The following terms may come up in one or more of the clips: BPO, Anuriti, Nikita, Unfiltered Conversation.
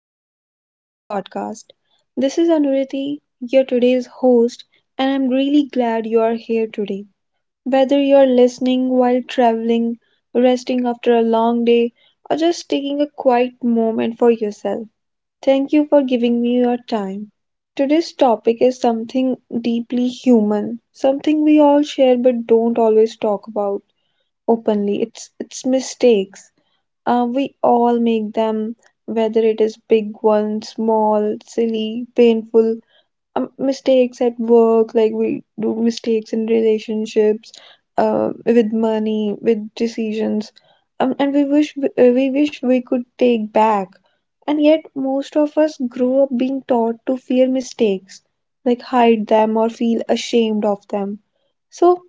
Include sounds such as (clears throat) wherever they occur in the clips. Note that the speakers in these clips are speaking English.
and welcome back to the podcast. This is Anuriti, your today's host, and I'm really glad you are here today. Whether you're listening while traveling, resting after a long day, or just taking a quiet moment for yourself, thank you for giving me your time. Today's topic is something deeply human, something we all share but don't always talk about openly. It's mistakes. We all make them, whether it is big ones, small, silly, painful. Mistakes at work, like we do mistakes in relationships, with money, with decisions. And we wish we wish we could take back. And yet, most of us grow up being taught to fear mistakes, like hide them or feel ashamed of them. So,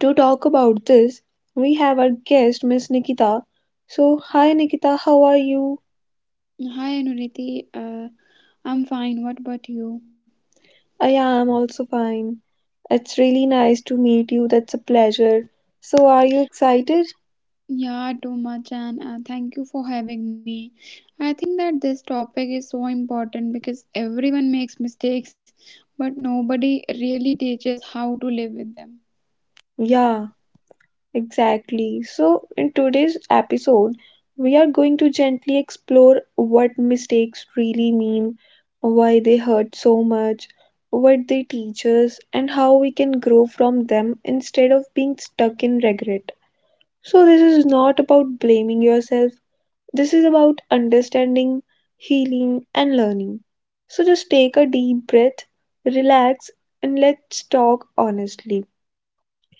to talk about this, we have our guest, Miss Nikita. So, hi Nikita, how are you? Hi Anuriti, I'm fine. What about you? I am also fine. It's really nice to meet you. That's a pleasure. So, are you excited? Yeah, too much, and thank you for having me. I think that this topic is so important because everyone makes mistakes, but nobody really teaches how to live with them. Yeah, exactly. So, in today's episode, we are going to gently explore what mistakes really mean, why they hurt so much, what they teach us, and how we can grow from them instead of being stuck in regret. So, this is not about blaming yourself, this is about understanding, healing, and learning. So, just take a deep breath, relax, and let's talk honestly.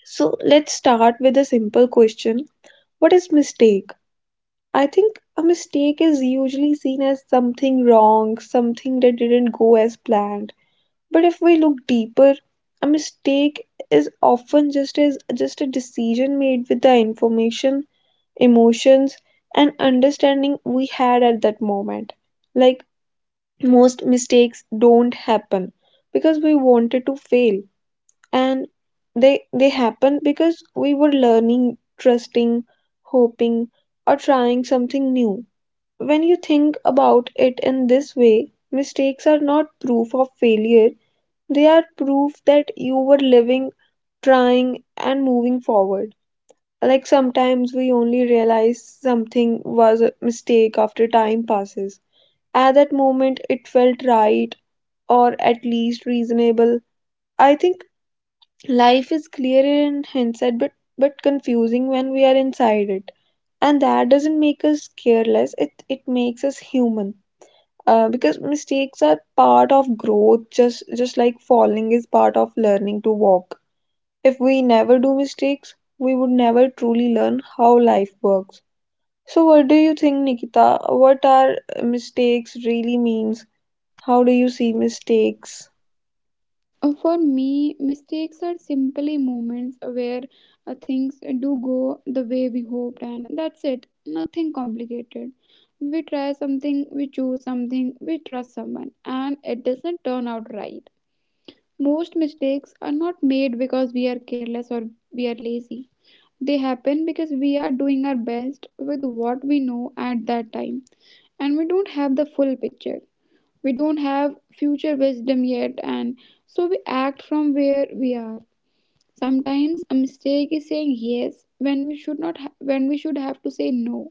So, let's start with a simple question. What is mistake? I think a mistake is usually seen as something wrong, something that didn't go as planned. But if we look deeper, a mistake is often just as just a decision made with the information, emotions, and understanding we had at that moment. Like, most mistakes don't happen because we wanted to fail, and they happen because we were learning, trusting, hoping, or trying something new. When you think about it in this way, mistakes are not proof of failure, they are proof that you were living, trying, and moving forward. Like, sometimes we only realize something was a mistake after time passes. At that moment, it felt right, or at least reasonable. I think life is clearer in hindsight but confusing when we are inside it. And that doesn't make us careless, it makes us human. Because mistakes are part of growth, just like falling is part of learning to walk. If we never do mistakes, we would never truly learn how life works. So what do you think, Nikita? What are mistakes really means? How do you see mistakes? For me, mistakes are simply moments where things do go the way we hoped, and that's it. Nothing complicated. We try something, we choose something, we trust someone, and it doesn't turn out right. Most mistakes are not made because we are careless or we are lazy. They happen because we are doing our best with what we know at that time and we don't have the full picture. We don't have future wisdom yet and so we act from where we are. Sometimes a mistake is saying yes when we should not ha- when we should have to say no.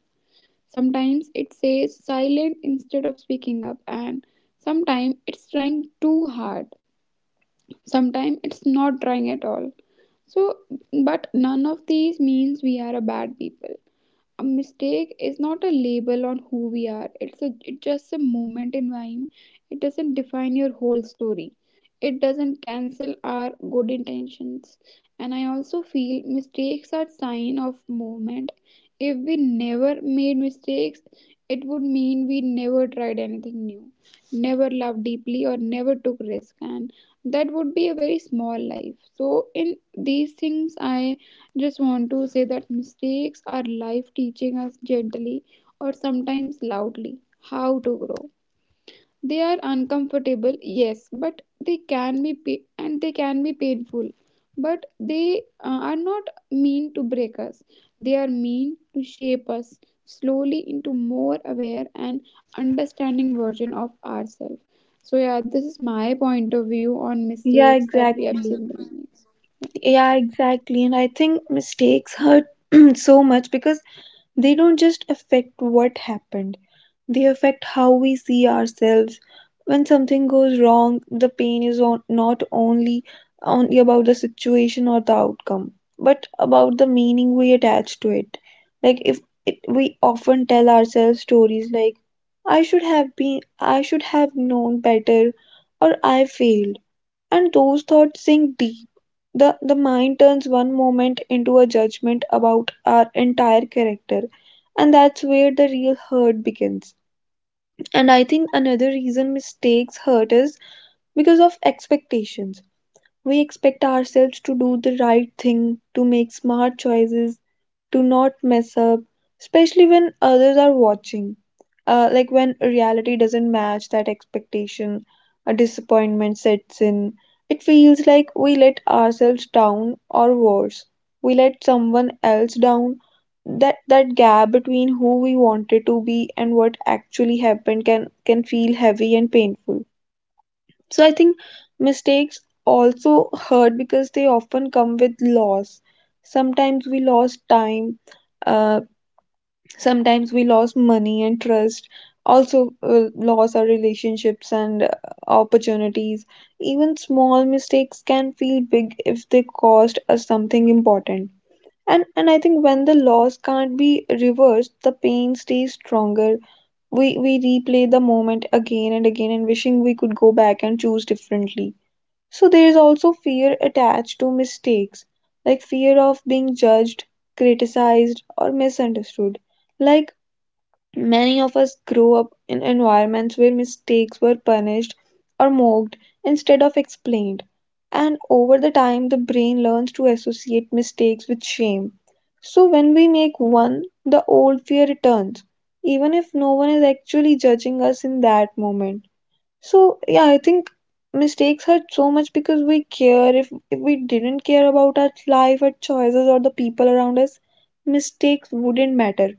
Sometimes it says silent instead of speaking up and sometimes it's trying too hard. Sometimes it's not trying at all. So, but none of these means we are a bad people. A mistake is not a label on who we are, it's just a moment in time. It doesn't define your whole story, it doesn't cancel our good intentions, and I also feel mistakes are sign of movement. If we never made mistakes, it would mean we never tried anything new, never loved deeply or never took risk, and that would be a very small life. So in these things I just want to say that mistakes are life teaching us gently or sometimes loudly how to grow. They are uncomfortable, yes, but they can be painful. But they are not mean to break us. They are mean to shape us slowly into more aware and understanding version of ourselves. So yeah, this is my point of view on Yeah, mistakes that we have exactly. seen. Yeah, exactly. And I think mistakes hurt (clears throat) so much because they don't just affect what happened, they affect how we see ourselves. When something goes wrong, the pain is on, not only only about the situation or the outcome, but about the meaning we attach to it. Like if it, we often tell ourselves stories like I should have known better, or I failed, and those thoughts sink deep. The mind turns one moment into a judgment about our entire character, and that's where the real hurt begins. And I think another reason mistakes hurt is because of expectations. We expect ourselves to do the right thing, to make smart choices, to not mess up, especially when others are watching. Like when reality doesn't match that expectation, a disappointment sets in. It feels like we let ourselves down, or worse, we let someone else down. That gap between who we wanted to be and what actually happened can feel heavy and painful. So I think mistakes also hurt because they often come with loss. Sometimes we lost time, uh, sometimes we lost money and trust, also lost our relationships and opportunities. Even small mistakes can feel big if they cost us something important. And I think when the loss can't be reversed, the pain stays stronger. We replay the moment again and again and wishing we could go back and choose differently. So there is also fear attached to mistakes, like fear of being judged, criticized, or misunderstood. Like, many of us grow up in environments where mistakes were punished or mocked instead of explained. And over the time, the brain learns to associate mistakes with shame. So when we make one, the old fear returns, even if no one is actually judging us in that moment. So yeah, I think mistakes hurt so much because we care. If we didn't care about our life, our choices, or the people around us, mistakes wouldn't matter.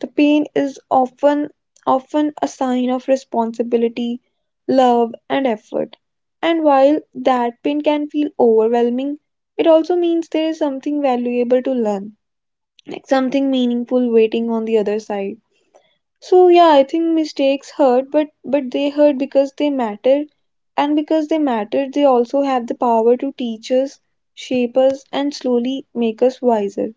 The pain is often a sign of responsibility, love, and effort. And while that pain can feel overwhelming, it also means there is something valuable to learn, like something meaningful waiting on the other side. So yeah, I think mistakes hurt, but they hurt because they matter, and because they matter, they also have the power to teach us, shape us, and slowly make us wiser.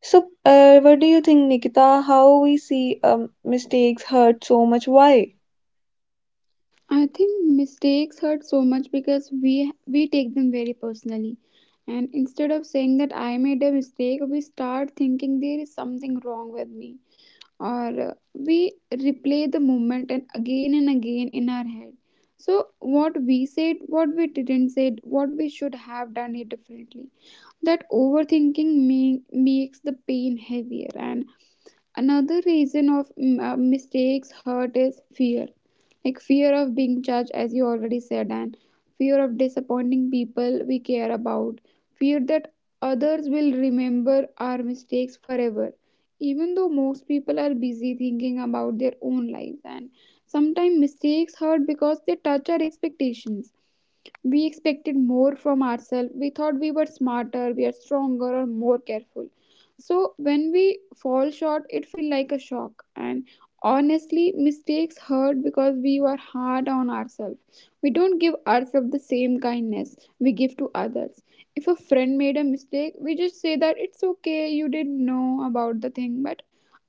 So, what do you think, Nikita? How we see mistakes hurt so much? Why? I think mistakes hurt so much because we take them very personally. And instead of saying that I made a mistake, we start thinking there is something wrong with me. Or we replay the moment and again in our head. So what we said, what we didn't say, what we should have done it differently. That overthinking makes the pain heavier. And another reason of mistakes hurt is fear. Like fear of being judged, as you already said, and fear of disappointing people we care about. Fear that others will remember our mistakes forever, even though most people are busy thinking about their own lives. And sometimes mistakes hurt because they touch our expectations. We expected more from ourselves. We thought we were smarter, we are stronger, or more careful. So when we fall short, it feels like a shock. And honestly, mistakes hurt because we were hard on ourselves. We don't give ourselves the same kindness we give to others. If a friend made a mistake, we just say that it's okay, you didn't know about the thing, but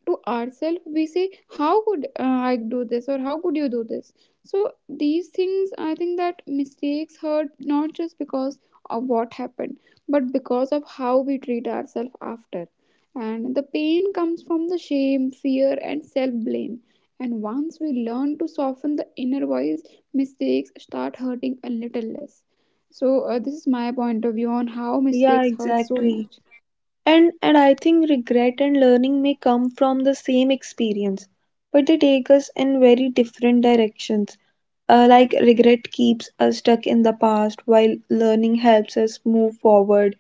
to ourselves we say how could I do this or how could you do this. So these things I think that mistakes hurt not just because of what happened but because of how we treat ourselves after, and the pain comes from the shame, fear and self blame. And once we learn to soften the inner voice, mistakes start hurting a little less. So this is my point of view on how Yeah, mistakes hurt so exactly. much. And I think regret and learning may come from the same experience, but they take us in very different directions. Like regret keeps us stuck in the past while learning helps us move forward.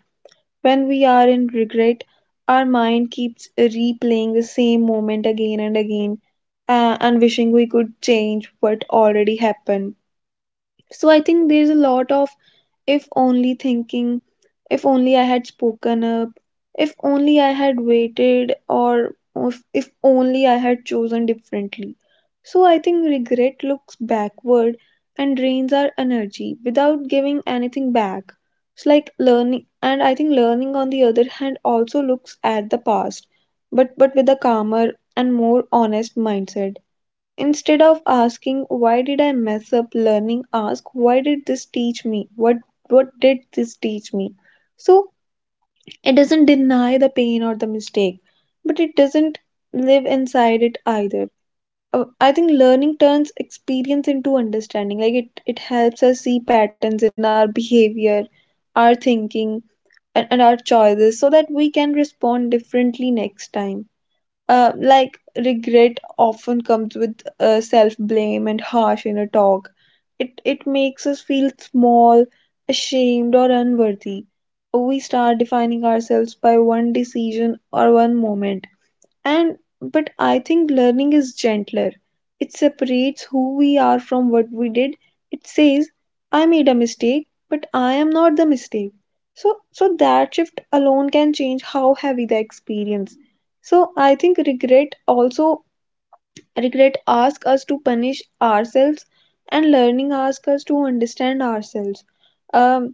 When we are in regret, our mind keeps replaying the same moment again and again and wishing we could change what already happened. So I think there's a lot of if only thinking, if only I had spoken up, if only I had waited, or if only I had chosen differently. So I think regret looks backward and drains our energy without giving anything back. It's like learning, and I think learning on the other hand also looks at the past, but with a calmer and more honest mindset. Instead of asking why did I mess up learning, ask why did this teach me? What did this teach me? So it doesn't deny the pain or the mistake, but it doesn't live inside it either. I think learning turns experience into understanding. Like it helps us see patterns in our behavior, our thinking, and our choices so that we can respond differently next time. Like regret often comes with self-blame and harsh inner talk. It makes us feel small, ashamed, or unworthy. We start defining ourselves by one decision or one moment, and but I think learning is gentler. It separates who we are from what we did. It says I made a mistake, but I am not the mistake. So that shift alone can change how heavy the experience. So I think regret asks us to punish ourselves, and learning asks us to understand ourselves. um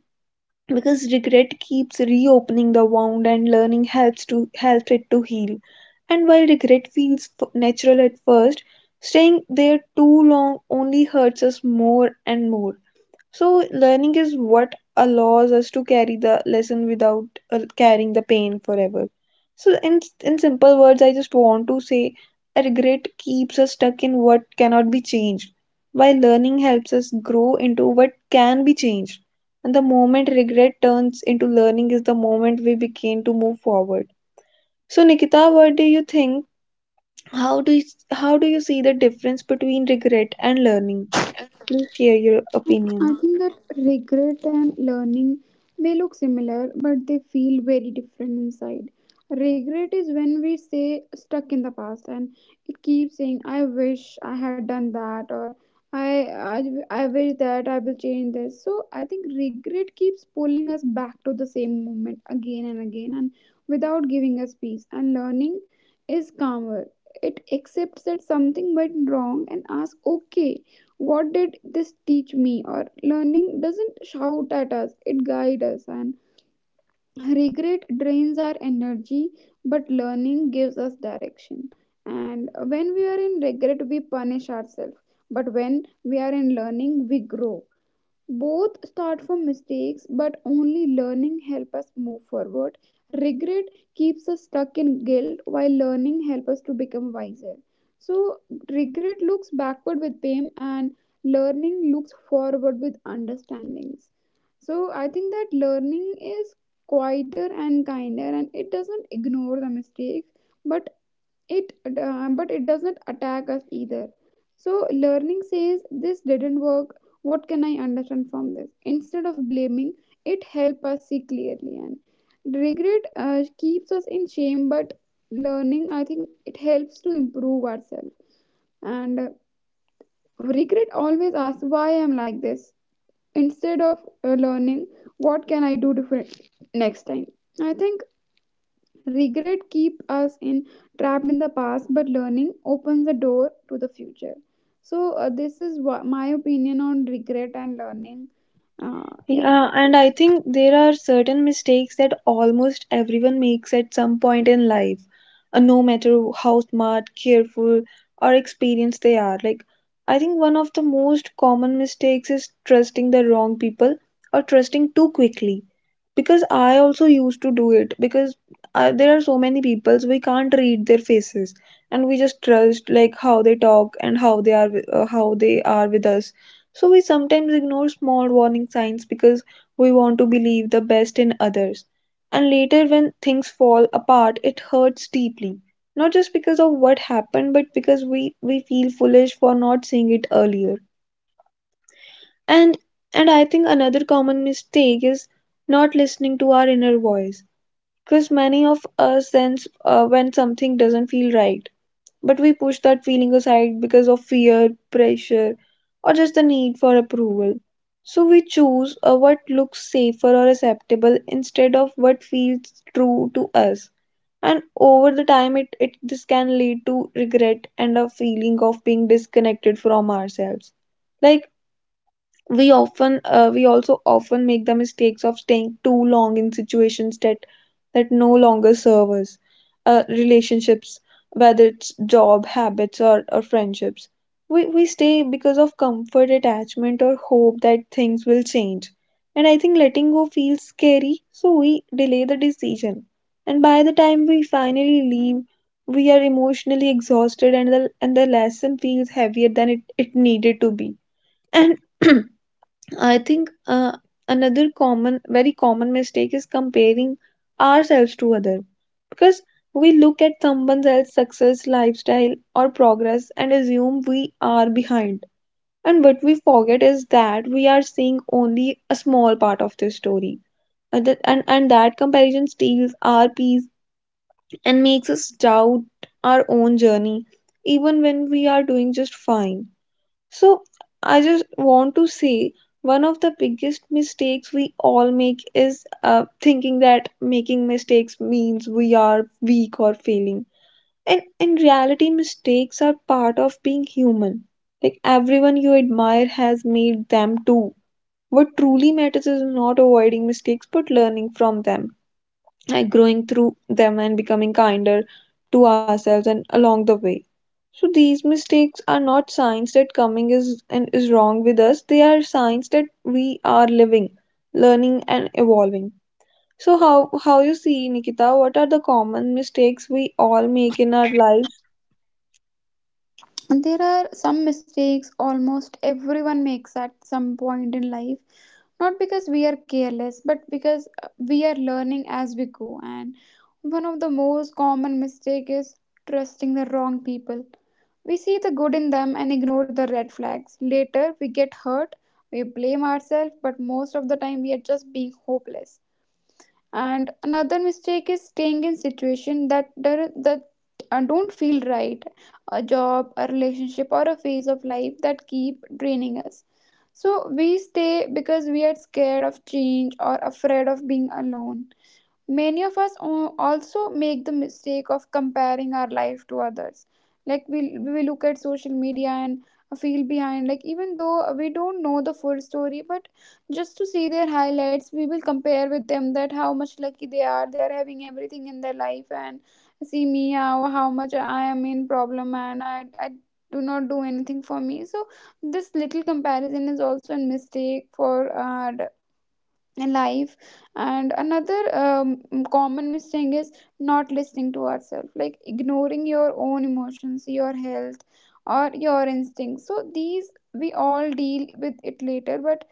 because regret keeps reopening the wound, and learning helps to help it to heal. And while regret natural at first, staying there too long only hurts us more and more. So, learning is what allows us to carry the lesson without carrying the pain forever. So, in simple words, I just want to say, a regret keeps us stuck in what cannot be changed, while learning helps us grow into what can be changed. And the moment regret turns into learning is the moment we begin to move forward. So, Nikita, what do you think? How do you, how do you see the difference between regret and learning? Please share your opinion. I think that regret and learning may look similar, but they feel very different inside. Regret is when we stay stuck in the past and it keeps saying, I wish I had done that, or I, I, I wish that I will change this. So I think regret keeps pulling us back to the same moment again and again and without giving us peace. And learning is calmer, it accepts that something went wrong and asks, okay, what did this teach me? Or learning doesn't shout at us, it guides us. And regret drains our energy but learning gives us direction, and when we are in regret we punish ourselves but when we are in learning we grow. Both start from mistakes but only learning help us move forward. Regret keeps us stuck in guilt while learning help us to become wiser. So regret looks backward with pain and learning looks forward with understandings. So I think that learning is quieter and kinder and it doesn't ignore the mistakes, but but it does not attack us either. So learning says this didn't work, what can I understand from this instead of blaming. It helps us see clearly. And regret keeps us in shame but learning I think it helps to improve ourselves. And regret always asks why I'm like this instead of learning what can I do different next time. I think regret keep us in trapped in the past, but learning opens the door to the future. So my opinion on regret and learning. Uh, yeah, Yeah, that's and it. I think there are certain mistakes that almost everyone makes at some point in life, no matter how smart, careful, or experienced they are. Like, I think one of the most common mistakes is trusting the wrong people or trusting too quickly. Because I also used to do it, because there are so many people, so we can't read their faces, and we just trust like how they talk and how they are, how they are with us. So we sometimes ignore small warning signs because we want to believe the best in others. And later, when things fall apart, it hurts deeply. Not just because of what happened, but because we feel foolish for not seeing it earlier. And and I think another common mistake is not listening to our inner voice. Because many of us sense when something doesn't feel right, but we push that feeling aside because of fear, pressure, or just the need for approval. So we choose what looks safer or acceptable instead of what feels true to us. And over the time, it this can lead to regret and a feeling of being disconnected from ourselves. Like we often we also often make the mistakes of staying too long in situations that no longer serve us, relationships, whether it's job habits or friendships. We stay because of comfort, attachment, or hope that things will change. And I think letting go feels scary, so we delay the decision, and by the time we finally leave, we are emotionally exhausted, and the lesson feels heavier than it needed to be. And (clears throat) I think another common, very common mistake is comparing ourselves to other, because we look at someone else's success, lifestyle, or progress and assume we are behind. And what we forget is that we are seeing only a small part of this story, and and that comparison steals our peace and makes us doubt our own journey, even when we are doing just fine. So I just want to say one of the biggest mistakes we all make is thinking that making mistakes means we are weak or failing. And in reality, mistakes are part of being human. Like everyone you admire has made them too. What truly matters is not avoiding mistakes but learning from them, like growing through them and becoming kinder to ourselves and along the way. So these mistakes are not signs that coming is and is wrong with us. They are signs that we are living, learning and evolving. So how you see, Nikita, what are the common mistakes we all make in our lives? There are some mistakes almost everyone makes at some point in life, not because we are careless, but because we are learning as we go. And one of the most common mistake is trusting the wrong people. We see the good in them and ignore the red flags. Later, we get hurt, we blame ourselves, but most of the time we are just being hopeless. And another mistake is staying in situations that don't feel right, a job, a relationship, or a phase of life that keep draining us. So we stay because we are scared of change or afraid of being alone. Many of us also make the mistake of comparing our life to others. Like we look at social media and feel behind, like even though we don't know the full story but just to see their highlights we will compare with them that how much lucky they are, they are having everything in their life, and see me how much I am in problem and I do not do anything for me. So this little comparison is also a mistake for life. And another common mistake is not listening to ourselves, like ignoring your own emotions, your health or your instincts, so these we all deal with it later. But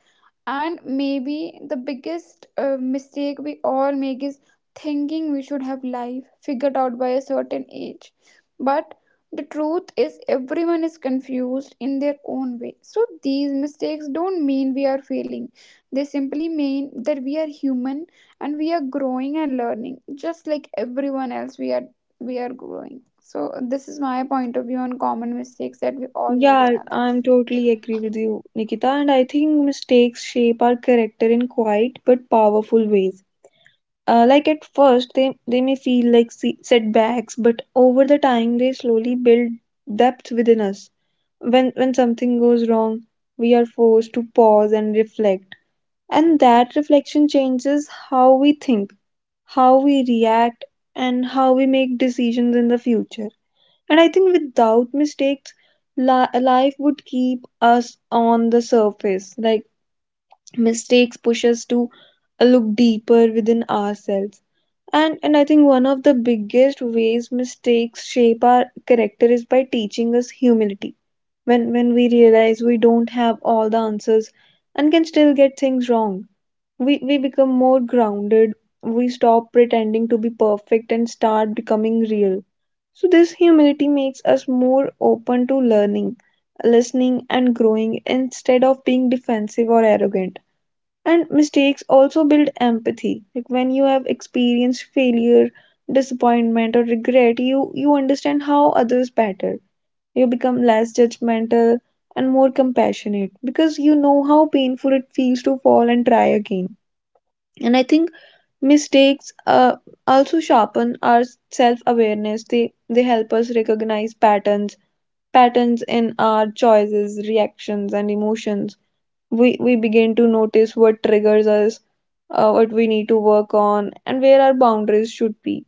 and maybe the biggest mistake we all make is thinking we should have life figured out by a certain age. But the truth is everyone is confused in their own way. So these mistakes don't mean we are failing, they simply mean that we are human and we are growing and learning just like everyone else. We are growing. So this is my point of view on common mistakes that we all made in Yeah, our life. I'm totally agree with you, Nikita, and I think mistakes shape our character in quiet but powerful ways. Like at first, they may feel like setbacks, but over the time, they slowly build depth within us. When something goes wrong, we are forced to pause and reflect. And that reflection changes how we think, how we react, and how we make decisions in the future. And I think without mistakes, life would keep us on the surface. Like mistakes push us to look deeper within ourselves. And I think one of the biggest ways mistakes shape our character is by teaching us humility. When we realize we don't have all the answers and can still get things wrong, we become more grounded. We stop pretending to be perfect and start becoming real. So this humility makes us more open to learning, listening and growing, instead of being defensive or arrogant. And mistakes also build empathy. Like when you have experienced failure, disappointment, or regret, you understand how others better. You become less judgmental and more compassionate, because you know how painful it feels to fall and try again. And I think mistakes also sharpen our self-awareness. They help us recognize patterns, patterns in our choices, reactions, and emotions. We begin to notice what triggers us, what we need to work on and where our boundaries should be.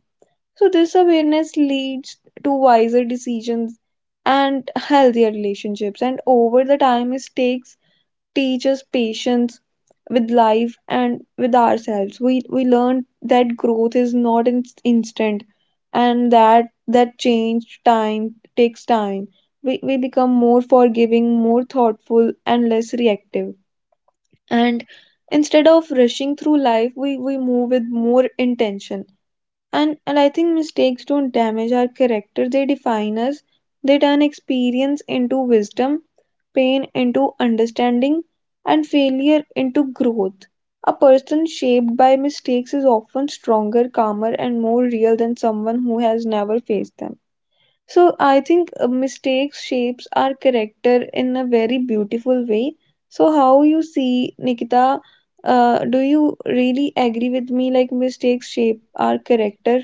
So this awareness leads to wiser decisions and healthier relationships. And over the time, mistakes teach us patience with life and with ourselves. We learn that growth is not instant, and that change time takes time. We become more forgiving, more thoughtful and less reactive. And instead of rushing through life, we move with more intention. And I think mistakes don't damage our character, they define us. They turn experience into wisdom, pain into understanding, and failure into growth. A person shaped by mistakes is often stronger, calmer and more real than someone who has never faced them. So I think mistakes shapes our character in a very beautiful way. So how you see, Nikita, do you really agree with me, like mistakes shape our character?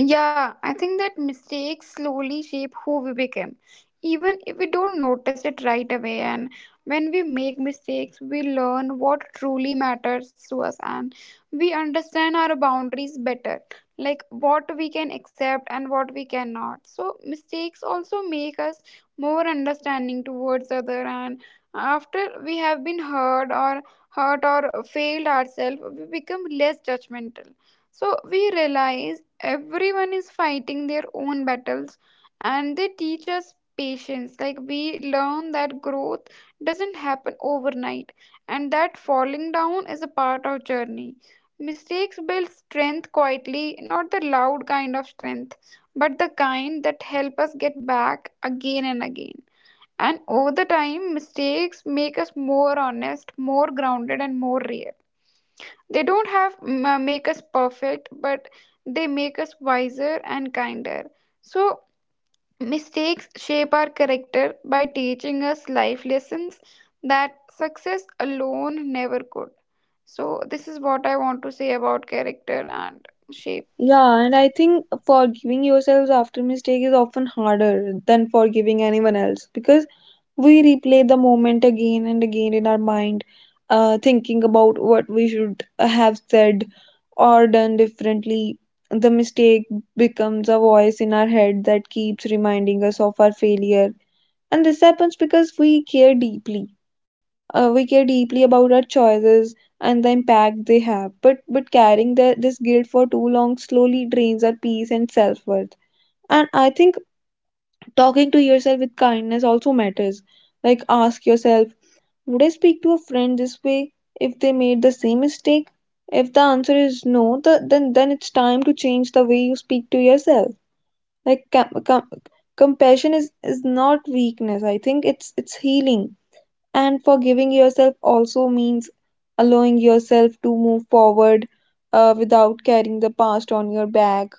Yeah, I think that mistakes slowly shape who we become, even if we don't notice it right away. And when we make mistakes, we learn what truly matters to us and we understand our boundaries better, like what we can accept and what we cannot. So, mistakes also make us more understanding towards other. And after we have been hurt or failed ourselves, we become less judgmental. So we realize everyone is fighting their own battles, and they teach us patience. Like we learn that growth doesn't happen overnight and that falling down is a part of journey. Mistakes build strength quietly, not the loud kind of strength, but the kind that help us get back again and again. And over the time, mistakes make us more honest, more grounded and more real. They don't have m- make us perfect, but they make us wiser and kinder. So mistakes shape our character by teaching us life lessons that success alone never could. So this is what I want to say about character and shape. Yeah, and I think forgiving yourselves after mistake is often harder than forgiving anyone else, because we replay the moment again and again in our mind, thinking about what we should have said or done differently. The mistake becomes a voice in our head that keeps reminding us of our failure. And this happens because we care deeply. We care deeply about our choices and the impact they have. But carrying this guilt for too long slowly drains our peace and self worth. And I think talking to yourself with kindness also matters. Like ask yourself, would I speak to a friend this way if they made the same mistake? If the answer is no, then it's time to change the way you speak to yourself. Like compassion is not weakness. I think it's healing. And forgiving yourself also means allowing yourself to move forward, without carrying the past on your back.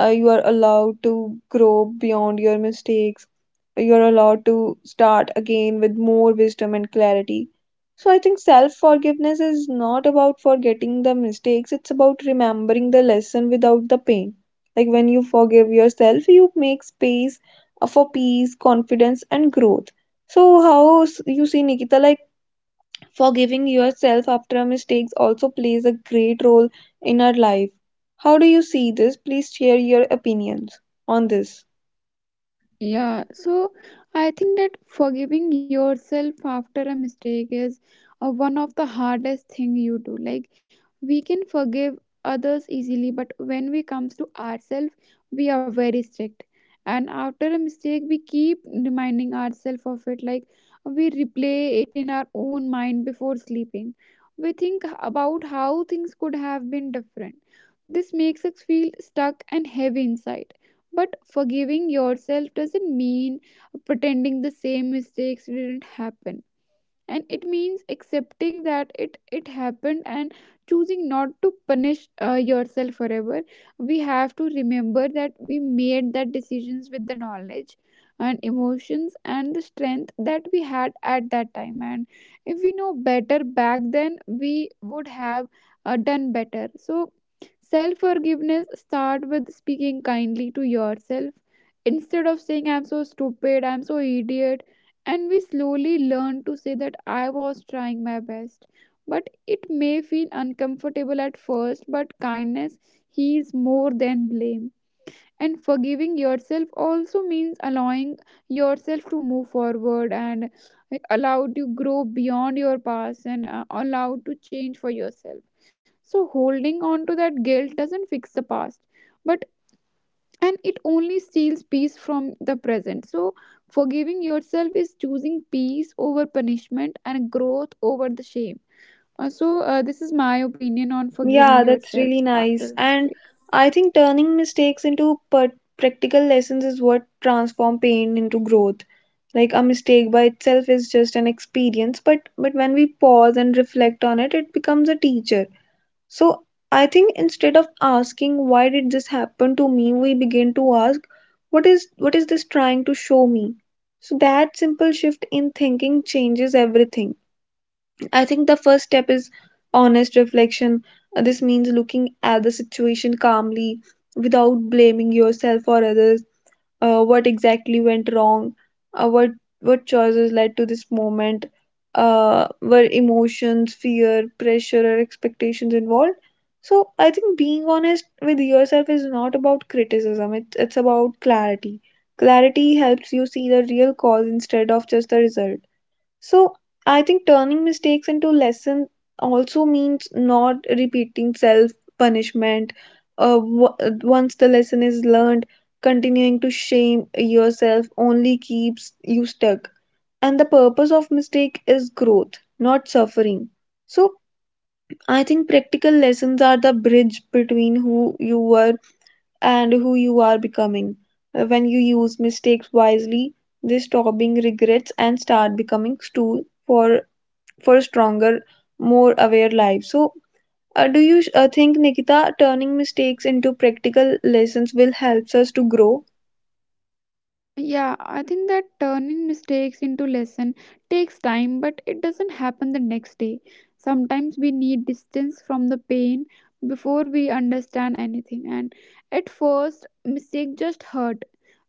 You are allowed to grow beyond your mistakes. You're allowed to start again with more wisdom and clarity. So I think self forgiveness is not about forgetting the mistakes, it's about remembering the lesson without the pain. Like when you forgive yourself, you make space for peace, confidence, and growth. So how you see, Nikita, like forgiving yourself after a mistakes also plays a great role in our life. How do you see this? Please share your opinions on this. Yeah, so I think that forgiving yourself after a mistake is one of the hardest thing you do. Like we can forgive others easily, but when we comes to ourselves, we are very strict. And after a mistake, we keep reminding ourselves of it. Like we replay it in our own mind before sleeping. We think about how things could have been different. This makes us feel stuck and heavy inside. But forgiving yourself doesn't mean pretending the same mistakes didn't happen, and it means accepting that it happened and choosing not to punish yourself forever. We have to remember that we made that decisions with the knowledge and emotions and the strength that we had at that time, and if we know better back then we would have done better. So self forgiveness start with speaking kindly to yourself, instead of saying I'm so stupid, I'm so idiot, and we slowly learn to say that I was trying my best. But it may feel uncomfortable at first, but kindness heals more than blame. And forgiving yourself also means allowing yourself to move forward and allowed to grow beyond your past and allowed to change for yourself. So, holding on to that guilt doesn't fix the past, but and it only steals peace from the present. So, forgiving yourself is choosing peace over punishment and growth over the shame. So, this is my opinion on Yeah, forgiving that's yourself really nice. after a And mistake. I think turning mistakes into practical lessons is what transform pain into growth. Like a mistake by itself is just an experience, but when we pause and reflect on it, it becomes a teacher. So I think instead of asking why did this happen to me, we begin to ask, what is this trying to show me? So that simple shift in thinking changes everything. I think the first step is honest reflection. This means looking at the situation calmly, without blaming yourself or others. What exactly went wrong, uh, what what choices led to this moment, were emotions, fear, pressure, or expectations involved. So I think being honest with yourself is not about criticism. It's about clarity. Clarity helps you see the real cause instead of just the result. So I think turning mistakes into lesson also means not repeating self punishment. Uh, w- Once the lesson is learned, continuing to shame yourself only keeps you stuck. And the purpose of mistake is growth, not suffering. So I think practical lessons are the bridge between who you were and who you are becoming. When you use mistakes wisely, they stop being regrets and start becoming tool for stronger, more aware lives. So, do you think, Nikita, turning mistakes into practical lessons will help us to grow? Yeah, I think that turning mistakes into lesson takes time, but it doesn't happen the next day. Sometimes we need distance from the pain before we understand anything, and at first, mistake just hurt.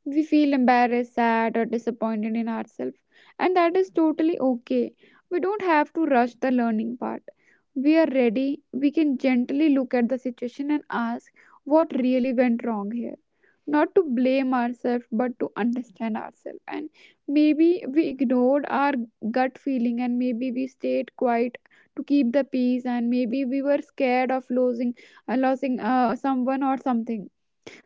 We feel embarrassed, sad, or disappointed in ourselves, and that is totally okay. We don't have to rush the learning part. We are ready, we can gently look at the situation and ask what really went wrong here. Not to blame ourselves, but to understand ourselves. And maybe we ignored our gut feeling, and maybe we stayed quiet to keep the peace, and maybe we were scared of losing, someone or something.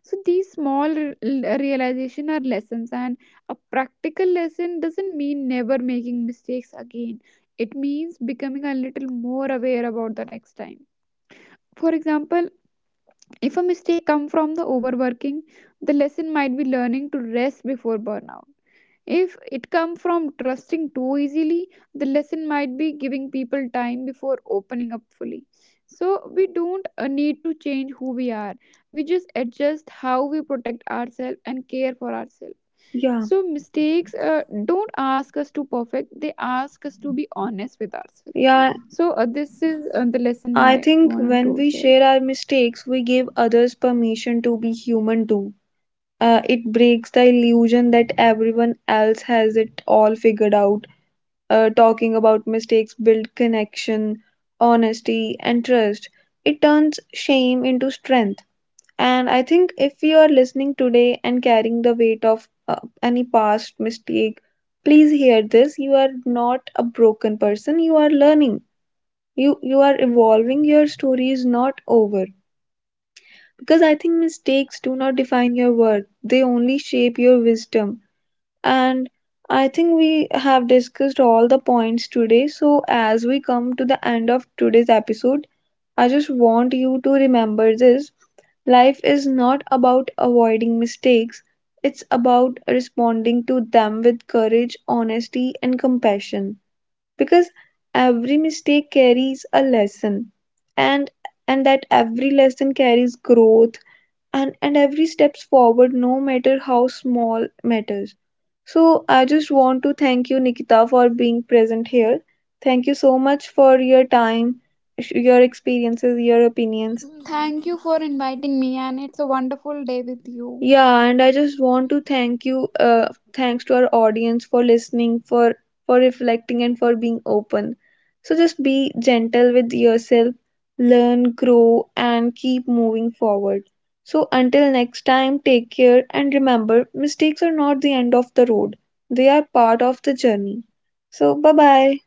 So these small realization are lessons, and a practical lesson doesn't mean never making mistakes again. It means becoming a little more aware about the next time. For example, if a mistake come from the overworking, the lesson might be learning to rest before burnout. If it comes from trusting too easily, the lesson might be giving people time before opening up fully. So we don't need to change who we are. We just adjust how we protect ourselves and care for ourselves. Yeah, So mistakes don't ask us to perfect. They ask us to be honest with ourselves. yeah. So this is the lesson I I think want to when we share. share our mistakes, we give others permission to be human too. It breaks the illusion that everyone else has it all figured out. Talking about mistakes build connection, honesty, and trust. It turns shame into strength. And I think if you are listening today and carrying the weight of any past mistake, please hear this. You are not a broken person. You are learning. You are evolving. Your story is not over. Because I think mistakes do not define your worth. They only shape your wisdom. And I think we have discussed all the points today. So as we come to the end of today's episode, I just want you to remember this. Life is not about avoiding mistakes, it's about responding to them with courage, honesty, and compassion. Because every mistake carries a lesson, and and that every lesson carries growth, and every steps forward, no matter how small, matters. So I just want to thank you, Nikita, for being present here. Thank you so much for your time, your experiences, your opinions. Thank you for inviting me, and it's a wonderful day with you. Yeah, and I just want to thank you, thanks to our audience for listening, for reflecting, and for being open. So just be gentle with yourself, learn, grow, and keep moving forward. So until next time, take care and remember, mistakes are not the end of the road; they are part of the journey. So bye bye.